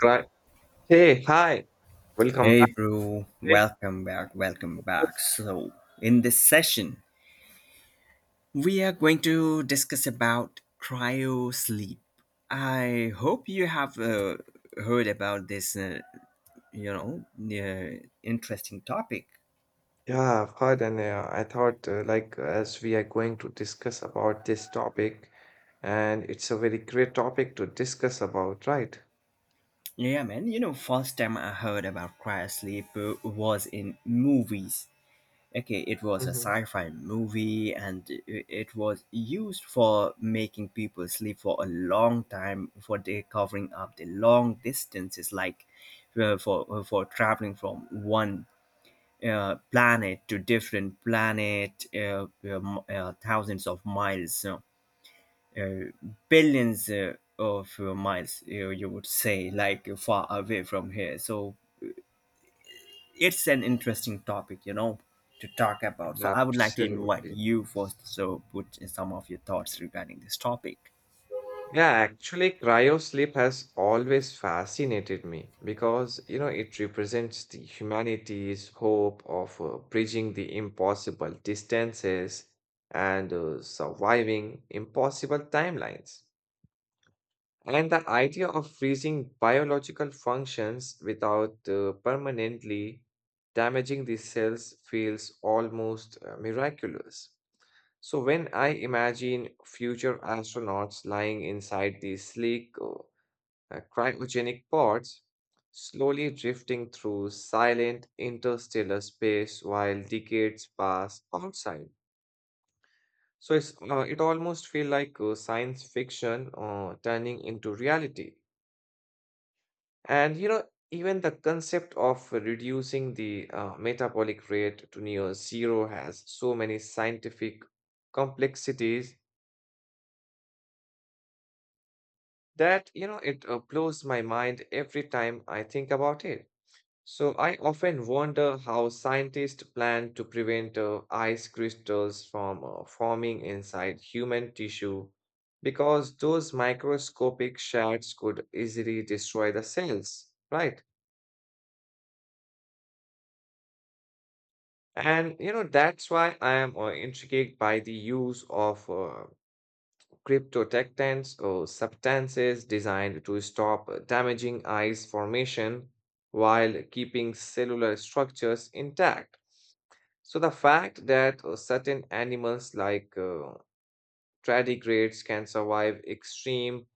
Cri. Hey, hi. Welcome Hey, back. bro, Thank welcome back, welcome you. back. So, in this session, we are going to discuss about cryo sleep. I hope you have heard about this, interesting topic. Yeah, Faden, I thought like as we are going to discuss about this topic, and it's a very great topic to discuss about, right? Yeah, man, you know, first time I heard about cryo sleep was in movies. Okay, it was a Mm-hmm. sci-fi movie, and it was used for making people sleep for a long time, for they covering up the long distances, like for traveling from one planet to different planet, thousands of miles, uh, billions of miles, you would say, like far away from here. So it's an interesting topic, you know, to talk about. So I would like to invite Absolutely. you first. So put in some of your thoughts regarding this topic. Yeah, actually, cryo sleep has always fascinated me because, you know, it represents the humanity's hope of bridging the impossible distances and surviving impossible timelines. And the idea of freezing biological functions without permanently damaging the cells feels almost miraculous. So, when I imagine future astronauts lying inside these sleek cryogenic pods, slowly drifting through silent interstellar space while decades pass outside. So, it almost feels like science fiction turning into reality. And you know, even the concept of reducing the metabolic rate to near zero has so many scientific complexities that you know it blows my mind every time I think about it. So I often wonder how scientists plan to prevent ice crystals from forming inside human tissue because those microscopic shards could easily destroy the cells, right? And you know, that's why I am intrigued by the use of cryptotectants or substances designed to stop damaging ice formation while keeping cellular structures intact. So, the fact that certain animals like tardigrades can survive extreme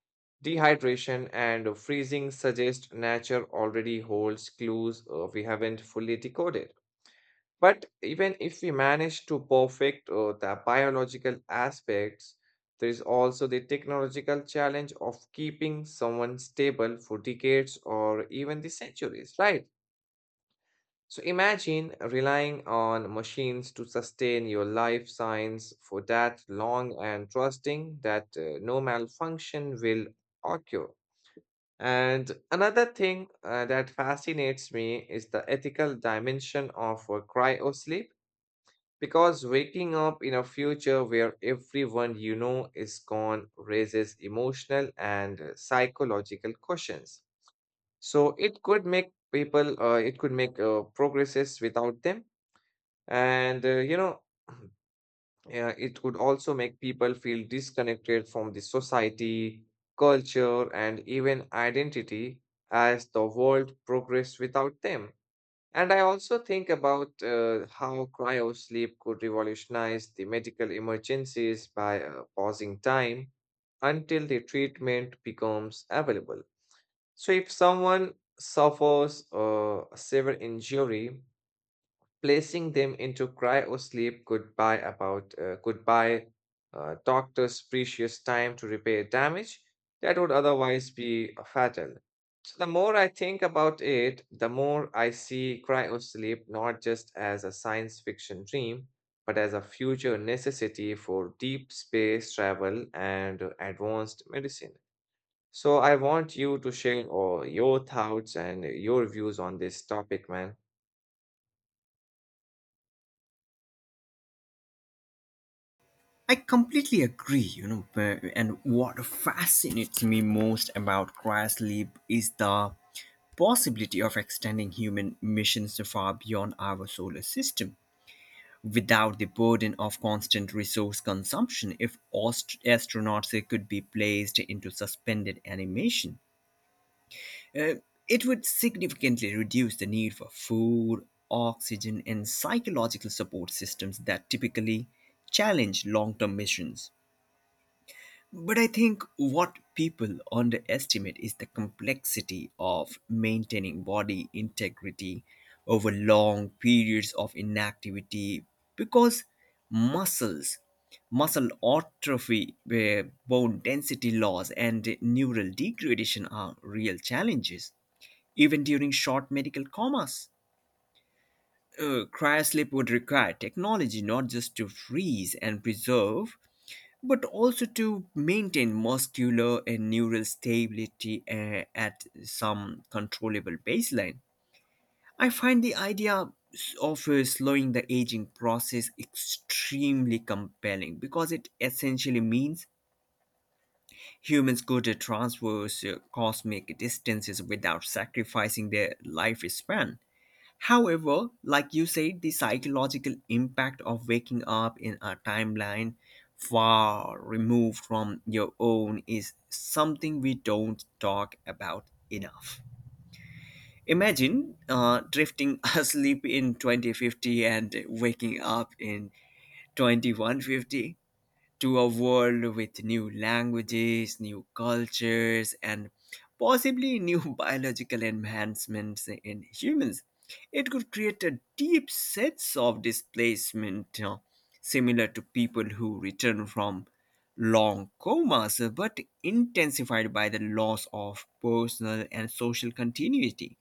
dehydration and freezing suggests nature already holds clues we haven't fully decoded. But even if we manage to perfect the biological aspects, there is also the technological challenge of keeping someone stable for decades or even the centuries, right? So imagine relying on machines to sustain your life science for that long and trusting that no malfunction will occur. And another thing that fascinates me is the ethical dimension of cryosleep because waking up in a future where everyone you know is gone raises emotional and psychological questions. So it could make it could make progresses without them. And, you know, it could also make people feel disconnected from the society, culture, and even identity as the world progress without them. And I also think about how cryo sleep could revolutionize the medical emergencies by pausing time until the treatment becomes available. So, if someone suffers a severe injury, placing them into cryo sleep could buy about could buy doctors precious time to repair damage that would otherwise be fatal. So the more I think about it, the more I see cryosleep not just as a science fiction dream, but as a future necessity for deep space travel and advanced medicine. So I want you to share all your thoughts and your views on this topic, man. I completely agree, you know, and what fascinates me most about cryosleep is the possibility of extending human missions so far beyond our solar system without the burden of constant resource consumption if astronauts could be placed into suspended animation. Uh, it would significantly reduce the need for food, oxygen, and psychological support systems that typically challenge long term missions. But I think what people underestimate is the complexity of maintaining body integrity over long periods of inactivity because muscles, muscle atrophy, bone density loss, and neural degradation are real challenges. Even during short medical comas, cryosleep would require technology not just to freeze and preserve, but also to maintain muscular and neural stability at some controllable baseline. I find the idea of slowing the aging process extremely compelling because it essentially means humans could traverse cosmic distances without sacrificing their lifespan. However, like you said, the psychological impact of waking up in a timeline far removed from your own is something we don't talk about enough. Imagine drifting asleep in 2050 and waking up in 2150 to a world with new languages, new cultures, and possibly new biological enhancements in humans. It could create a deep sense of displacement, you know, similar to people who return from long comas, but intensified by the loss of personal and social continuity.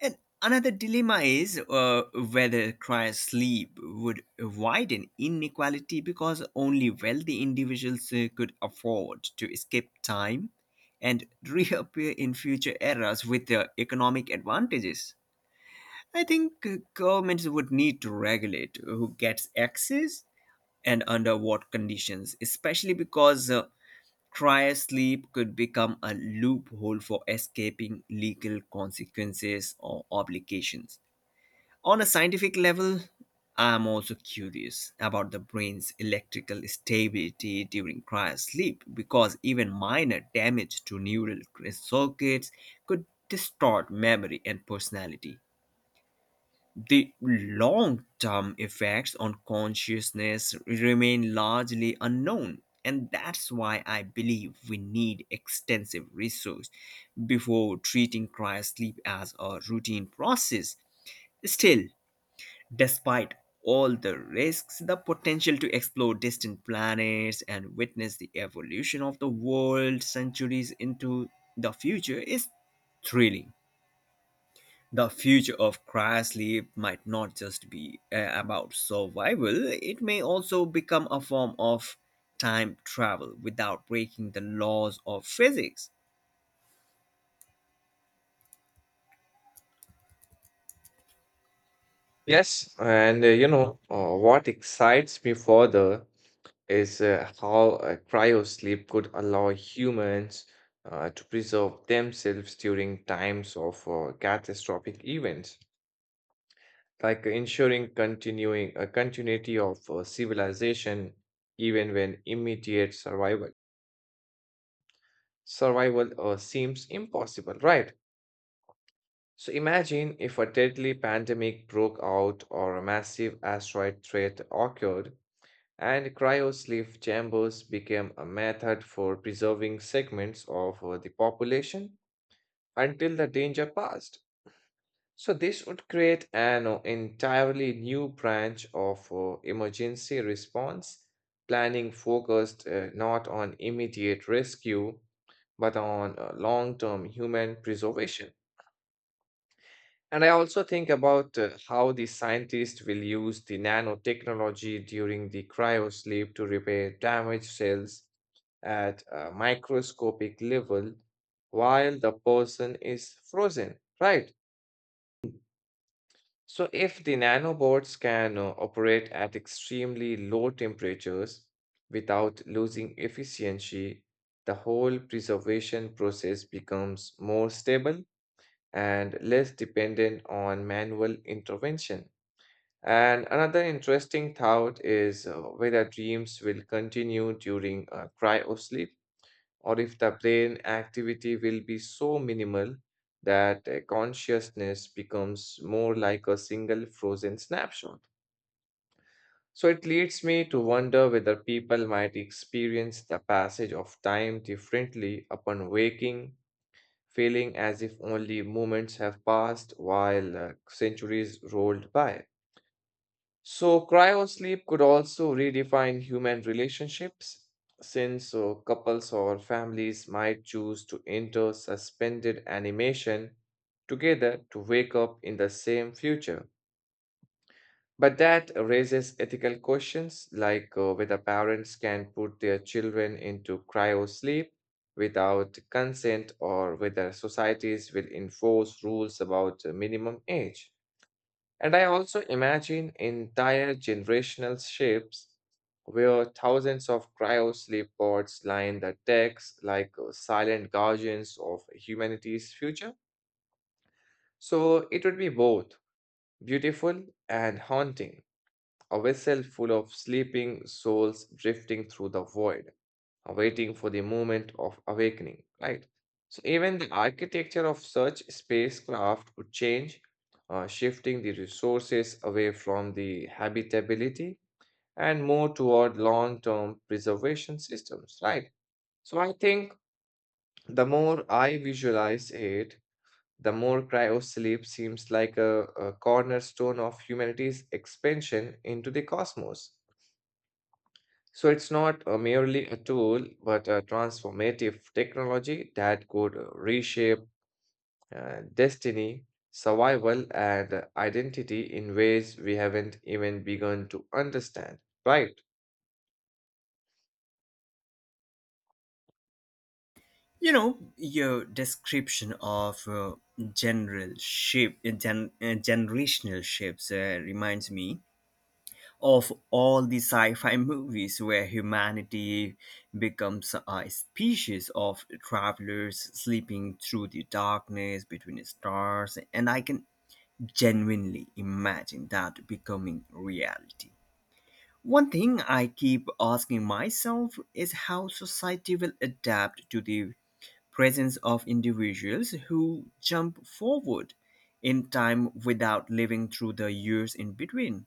And another dilemma is whether crying sleep would widen inequality because only wealthy individuals could afford to escape time and reappear in future eras with their economic advantages. I think governments would need to regulate who gets access and under what conditions, especially because trial sleep could become a loophole for escaping legal consequences or obligations. On a scientific level, I'm also curious about the brain's electrical stability during cryosleep, because even minor damage to neural circuits could distort memory and personality. The long term effects on consciousness remain largely unknown, and that's why I believe we need extensive research before treating cryosleep as a routine process. Still, despite all the risks, the potential to explore distant planets and witness the evolution of the world centuries into the future is thrilling. The future of cryosleep might not just be about survival, it may also become a form of time travel without breaking the laws of physics. Yes, and what excites me further is how cryo sleep could allow humans to preserve themselves during times of catastrophic events, like ensuring continuing a continuity of civilization even when immediate survival. Survival seems impossible, right? So imagine if a deadly pandemic broke out or a massive asteroid threat occurred, and cryosleep chambers became a method for preserving segments of the population until the danger passed. So this would create an entirely new branch of emergency response planning focused not on immediate rescue but on long-term human preservation. And I also think about how the scientists will use the nanotechnology during the cryosleep to repair damaged cells at a microscopic level while the person is frozen, right? So, if the nanobots can operate at extremely low temperatures without losing efficiency, the whole preservation process becomes more stable and less dependent on manual intervention. And another interesting thought is whether dreams will continue during cryosleep or if the brain activity will be so minimal that consciousness becomes more like a single frozen snapshot. So it leads me to wonder whether people might experience the passage of time differently upon waking, feeling as if only moments have passed while centuries rolled by. So, cryosleep could also redefine human relationships since couples or families might choose to enter suspended animation together to wake up in the same future. But that raises ethical questions like whether parents can put their children into cryosleep without consent or whether societies will enforce rules about minimum age. And I also imagine entire generational shifts where thousands of cryo sleep pods line the decks like silent guardians of humanity's future. So it would be both beautiful and haunting, a vessel full of sleeping souls drifting through the void waiting for the moment of awakening, right? So even the architecture of such spacecraft would change, shifting the resources away from the habitability and more toward long-term preservation systems, right? So I think the more I visualize it, the more cryosleep seems like a cornerstone of humanity's expansion into the cosmos. So it's not merely a tool, but a transformative technology that could reshape destiny, survival, and identity in ways we haven't even begun to understand, right? You know, your description of generational ships reminds me of all the sci-fi movies where humanity becomes a species of travelers sleeping through the darkness between stars, and I can genuinely imagine that becoming reality. One thing I keep asking myself is how society will adapt to the presence of individuals who jump forward in time without living through the years in between.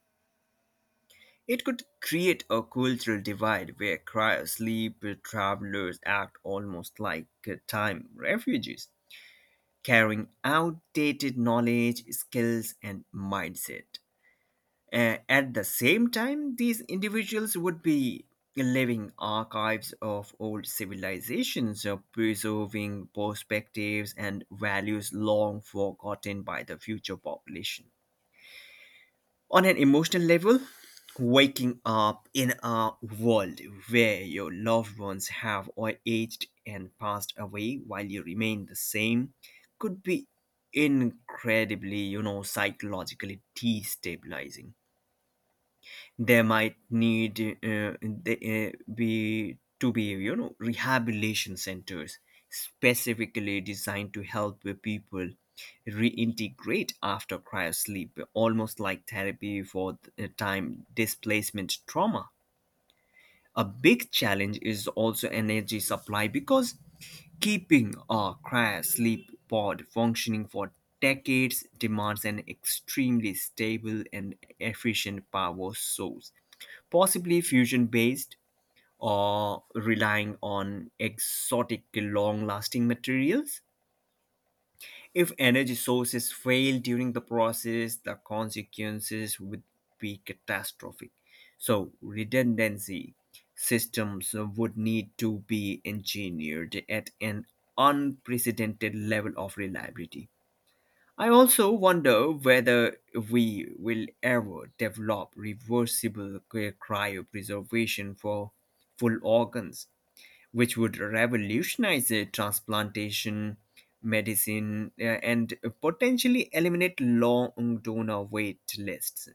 It could create a cultural divide where cryosleep travelers act almost like time refugees, carrying outdated knowledge, skills, and mindset. At the same time, these individuals would be living archives of old civilizations, preserving perspectives and values long forgotten by the future population. On an emotional level, waking up in a world where your loved ones have all aged and passed away while you remain the same could be incredibly, you know, psychologically destabilizing. They might need they, be to be you know rehabilitation centers specifically designed to help the people reintegrate after cryosleep, almost like therapy for the time displacement trauma. A big challenge is also energy supply because keeping a cryosleep sleep pod functioning for decades demands an extremely stable and efficient power source, possibly fusion based or relying on exotic long lasting materials. If energy sources fail during the process, the consequences would be catastrophic. So, redundancy systems would need to be engineered at an unprecedented level of reliability. I also wonder whether we will ever develop reversible cryopreservation for full organs, which would revolutionize transplantation medicine, and potentially eliminate long donor wait lists.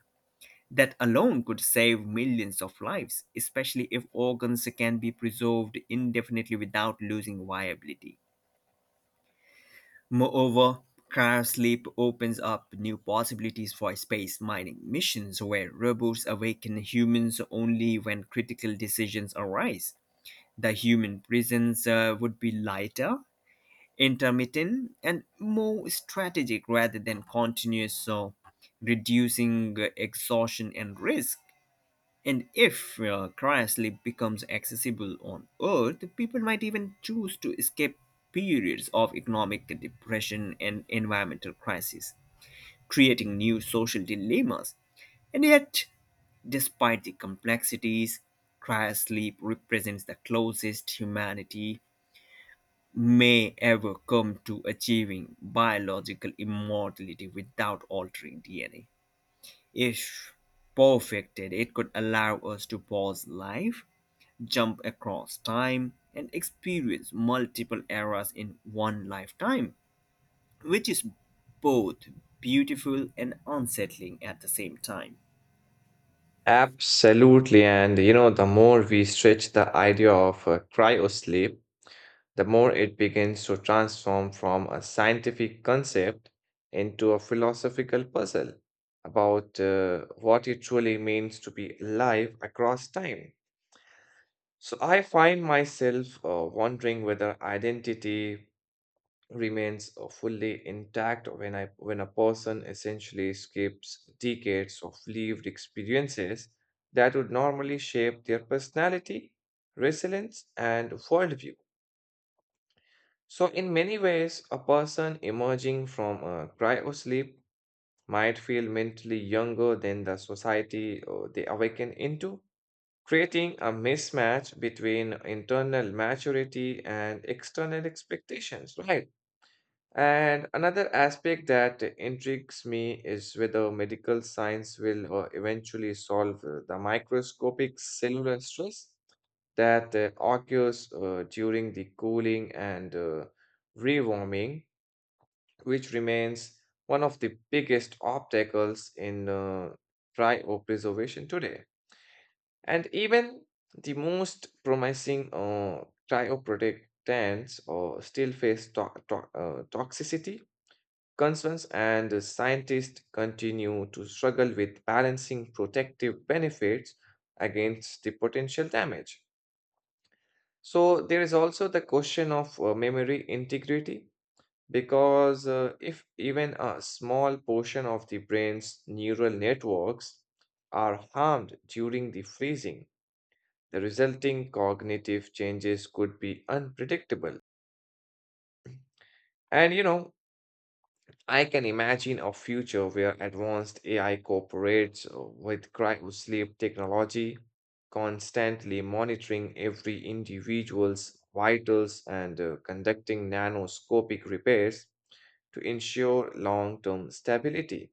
That alone could save millions of lives, especially if organs can be preserved indefinitely without losing viability. Moreover, cryosleep opens up new possibilities for space mining missions where robots awaken humans only when critical decisions arise. The human presence would be lighter, intermittent and more strategic rather than continuous, so reducing exhaustion and risk. And if cryosleep becomes accessible on Earth, people might even choose to escape periods of economic depression and environmental crisis, creating new social dilemmas. And yet, despite the complexities, cryosleep represents the closest humanity may ever come to achieving biological immortality without altering DNA. If perfected, it could allow us to pause life, jump across time, and experience multiple eras in one lifetime, which is both beautiful and unsettling at the same time. Absolutely. And you know, the more we stretch the idea of cryosleep, the more it begins to transform from a scientific concept into a philosophical puzzle about what it truly means to be alive across time. So I find myself wondering whether identity remains fully intact when a person essentially skips decades of lived experiences that would normally shape their personality, resilience, and worldview. So, in many ways, a person emerging from a cryo sleep might feel mentally younger than the society they awaken into, creating a mismatch between internal maturity and external expectations, right? And another aspect that intrigues me is whether medical science will eventually solve the microscopic cellular stress that occurs during the cooling and rewarming, which remains one of the biggest obstacles in cryopreservation today. And even the most promising cryoprotectants still face toxicity concerns, and scientists continue to struggle with balancing protective benefits against the potential damage. So, there is also the question of memory integrity because if even a small portion of the brain's neural networks are harmed during the freezing, the resulting cognitive changes could be unpredictable. And you know, I can imagine a future where advanced AI cooperates with cryosleep technology, constantly monitoring every individual's vitals and conducting nanoscopic repairs to ensure long term stability.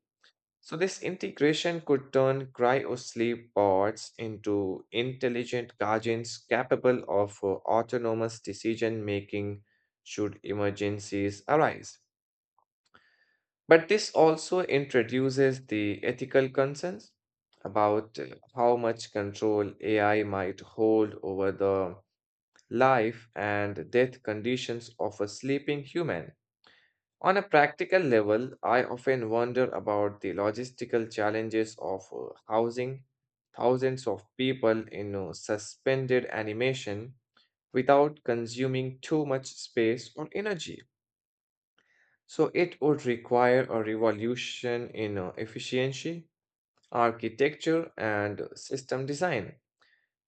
So, this integration could turn cryosleep pods into intelligent guardians capable of autonomous decision making should emergencies arise. But this also introduces the ethical concerns about how much control AI might hold over the life and death conditions of a sleeping human. On a practical level, I often wonder about the logistical challenges of housing thousands of people in suspended animation without consuming too much space or energy. So it would require a revolution in efficiency, architecture, and system design.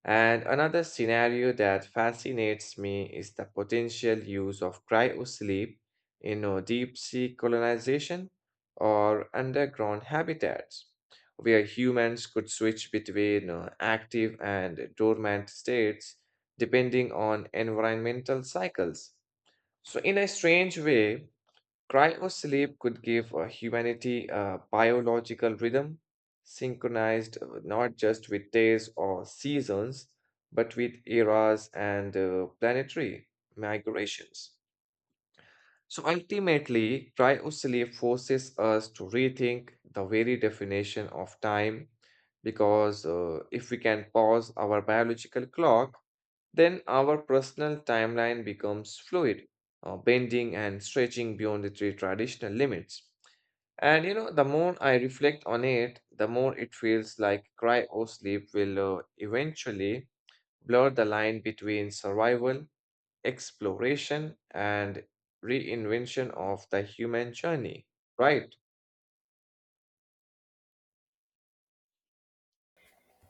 And another scenario that fascinates me is the potential use of cryosleep in deep sea colonization or underground habitats, where humans could switch between active and dormant states depending on environmental cycles. So, in a strange way, cryosleep could give humanity a biological rhythm, synchronized not just with days or seasons, but with eras and planetary migrations. So ultimately, cryosleep forces us to rethink the very definition of time because if we can pause our biological clock, then our personal timeline becomes fluid, bending and stretching beyond the three traditional limits. And you know, the more I reflect on it, the more it feels like cryo sleep will eventually blur the line between survival, exploration, and reinvention of the human journey, right?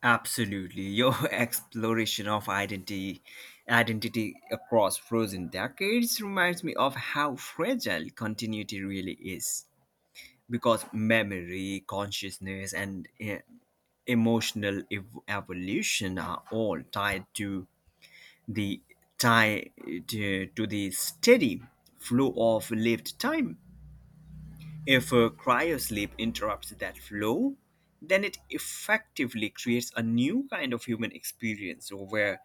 Absolutely. Your exploration of identity across frozen decades reminds me of how fragile continuity really is because memory, consciousness and emotional evolution are all tied to the tie to, to the steady flow of lived time. If a cryosleep interrupts that flow, then it effectively creates a new kind of human experience where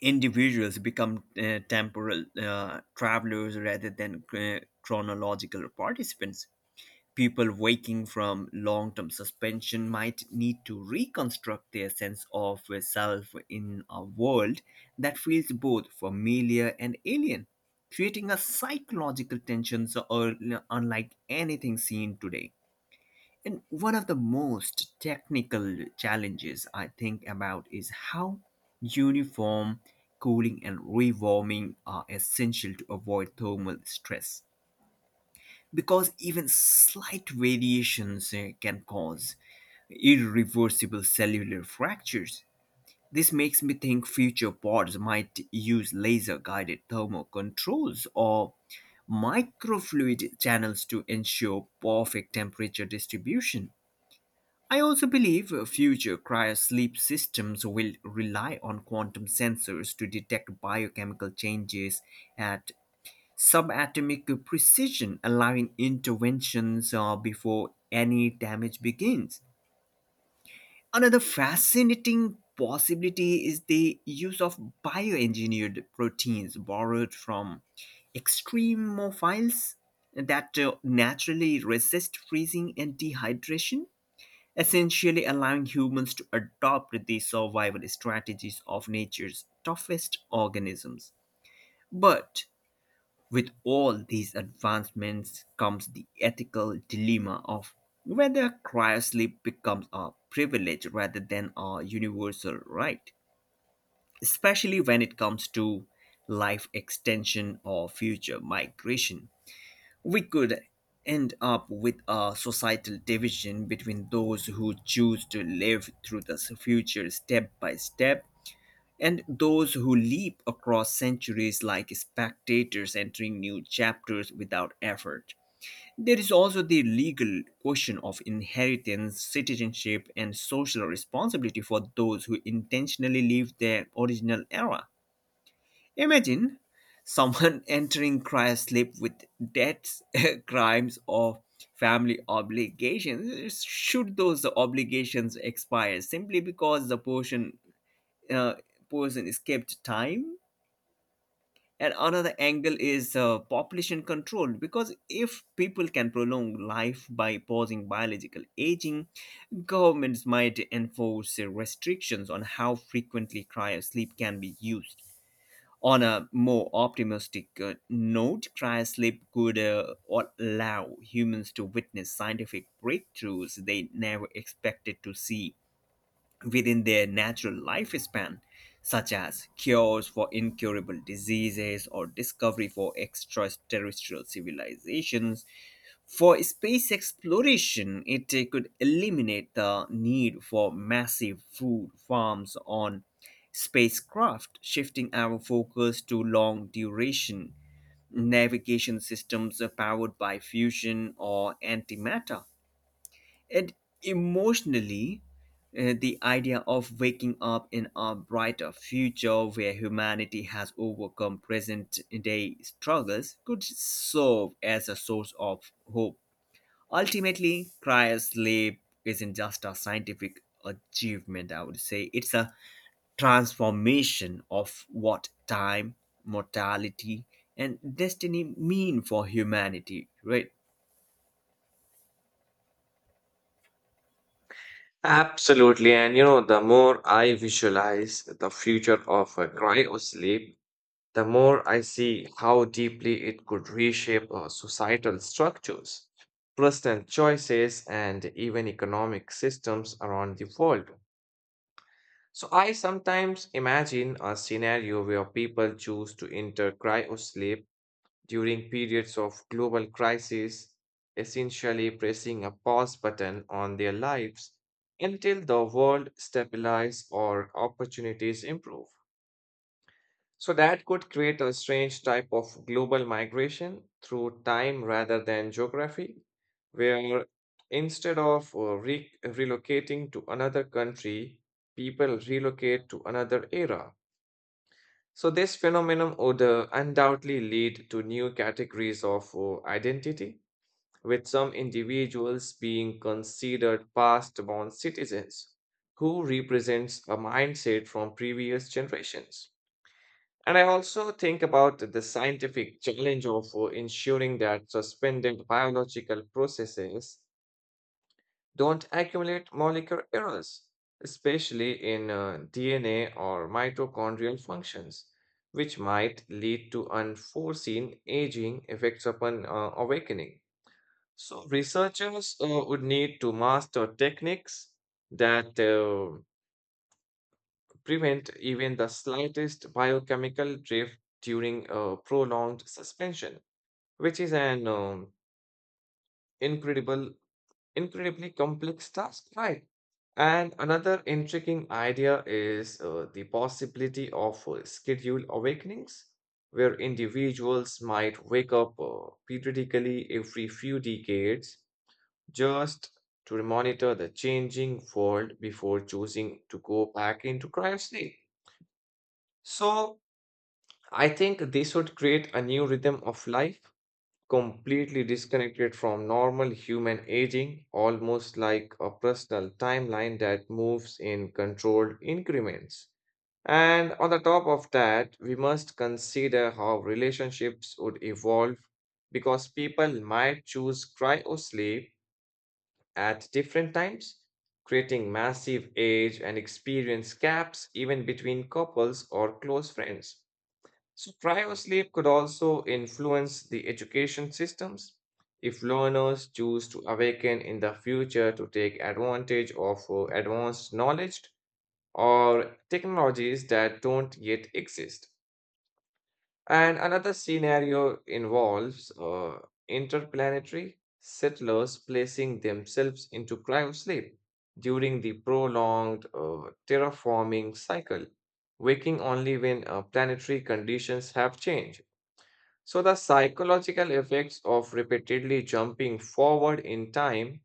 individuals become temporal travelers rather than chronological participants. People waking from long term suspension might need to reconstruct their sense of self in a world that feels both familiar and alien, creating a psychological tension so unlike anything seen today. And one of the most technical challenges I think about is how uniform cooling and rewarming are essential to avoid thermal stress because even slight variations can cause irreversible cellular fractures. This makes me think future pods might use laser guided thermal controls or microfluid channels to ensure perfect temperature distribution. I also believe future cryosleep systems will rely on quantum sensors to detect biochemical changes at subatomic precision, allowing interventions before any damage begins. Another fascinating possibility is the use of bioengineered proteins borrowed from extremophiles that naturally resist freezing and dehydration, essentially allowing humans to adopt the survival strategies of nature's toughest organisms. But with all these advancements comes the ethical dilemma of whether cryosleep becomes a privilege rather than a universal right, especially when it comes to life extension or future migration. We could end up with a societal division between those who choose to live through the future step by step and those who leap across centuries like spectators entering new chapters without effort. There is also the legal question of inheritance, citizenship, and social responsibility for those who intentionally leave their original era. Imagine someone entering Christ's sleep with debts, crimes, or family obligations. Should those obligations expire simply because the person, uh, person escaped time? And another angle is population control, because if people can prolong life by pausing biological aging, governments might enforce restrictions on how frequently cryosleep can be used. On a more optimistic note, cryosleep could allow humans to witness scientific breakthroughs they never expected to see within their natural lifespan, such as cures for incurable diseases or discovery for extraterrestrial civilizations. For space exploration, it could eliminate the need for massive food farms on spacecraft, shifting our focus to long duration navigation systems powered by fusion or antimatter. And emotionally, the idea of waking up in a brighter future where humanity has overcome present day struggles could serve as a source of hope. Ultimately, cryosleep isn't just a scientific achievement, I would say, it's a transformation of what time, mortality, and destiny mean for humanity, right? Absolutely. And you know, the more I visualize the future of cryo sleep, the more I see how deeply it could reshape our societal structures, personal choices, and even economic systems around the world. So I sometimes imagine a scenario where people choose to enter cryosleep during periods of global crisis, essentially pressing a pause button on their lives until the world stabilizes or opportunities improve. So that could create a strange type of global migration through time rather than geography, where instead of relocating to another country, people relocate to another era. So this phenomenon would undoubtedly lead to new categories of identity, with some individuals being considered past-born citizens who represents a mindset from previous generations. And I also think about the scientific challenge of ensuring that suspended biological processes don't accumulate molecular errors, especially in DNA or mitochondrial functions, which might lead to unforeseen aging effects upon awakening. So, researchers would need to master techniques that prevent even the slightest biochemical drift during a prolonged suspension, which is incredible, incredibly complex task, right? And another intriguing idea is the possibility of scheduled awakenings, where individuals might wake up periodically every few decades just to monitor the changing world before choosing to go back into cryosleep. So, I think they should create a new rhythm of life, completely disconnected from normal human aging, almost like a personal timeline that moves in controlled increments. And on the top of that, we must consider how relationships would evolve because people might choose cryo sleep at different times, creating massive age and experience gaps even between couples or close friends. So, cryosleep could also influence the education systems if learners choose to awaken in the future to take advantage of advanced knowledge or technologies that don't yet exist. And another scenario involves interplanetary settlers placing themselves into cryosleep during the prolonged terraforming cycle, waking only when planetary conditions have changed. So, the psychological effects of repeatedly jumping forward in time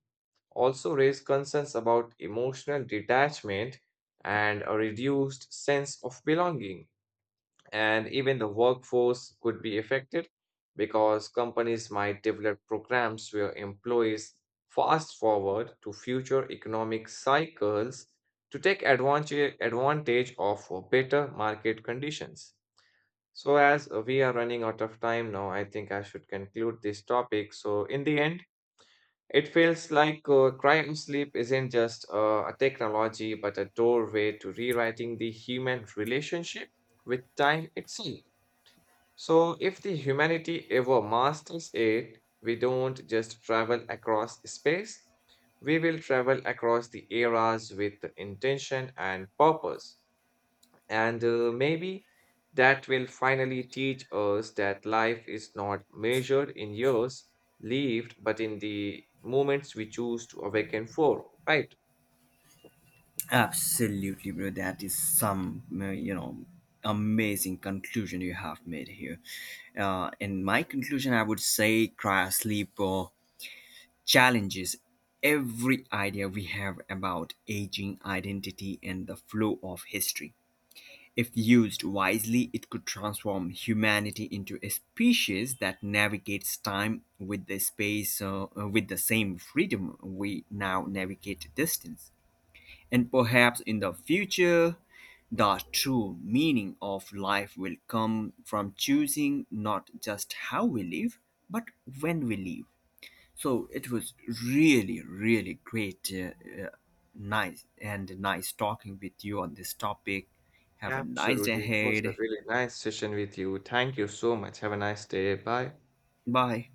also raise concerns about emotional detachment and a reduced sense of belonging. And even the workforce could be affected because companies might develop programs where employees fast forward to future economic cycles to take advantage of better market conditions. So, as we are running out of time now, I think I should conclude this topic. So, in the end, it feels like crime sleep isn't just a technology, but a doorway to rewriting the human relationship with time itself. So, if the humanity ever masters it, we don't just travel across space, we will travel across the eras with intention and purpose. And maybe that will finally teach us that life is not measured in years lived, but in the moments we choose to awaken for, right? Absolutely, bro. That is some, you know, amazing conclusion you have made here. In my conclusion, I would say cryosleep challenges every idea we have about aging, identity, and the flow of history. If used wisely, it could transform humanity into a species that navigates time with the with the same freedom we now navigate distance. And perhaps in the future, the true meaning of life will come from choosing not just how we live, but when we live. So it was really, really great, uh, nice, and nice talking with you on this topic. Have a nice day Absolutely. It was a ahead. really nice session with you. Thank you so much. Have a nice day. Bye. Bye.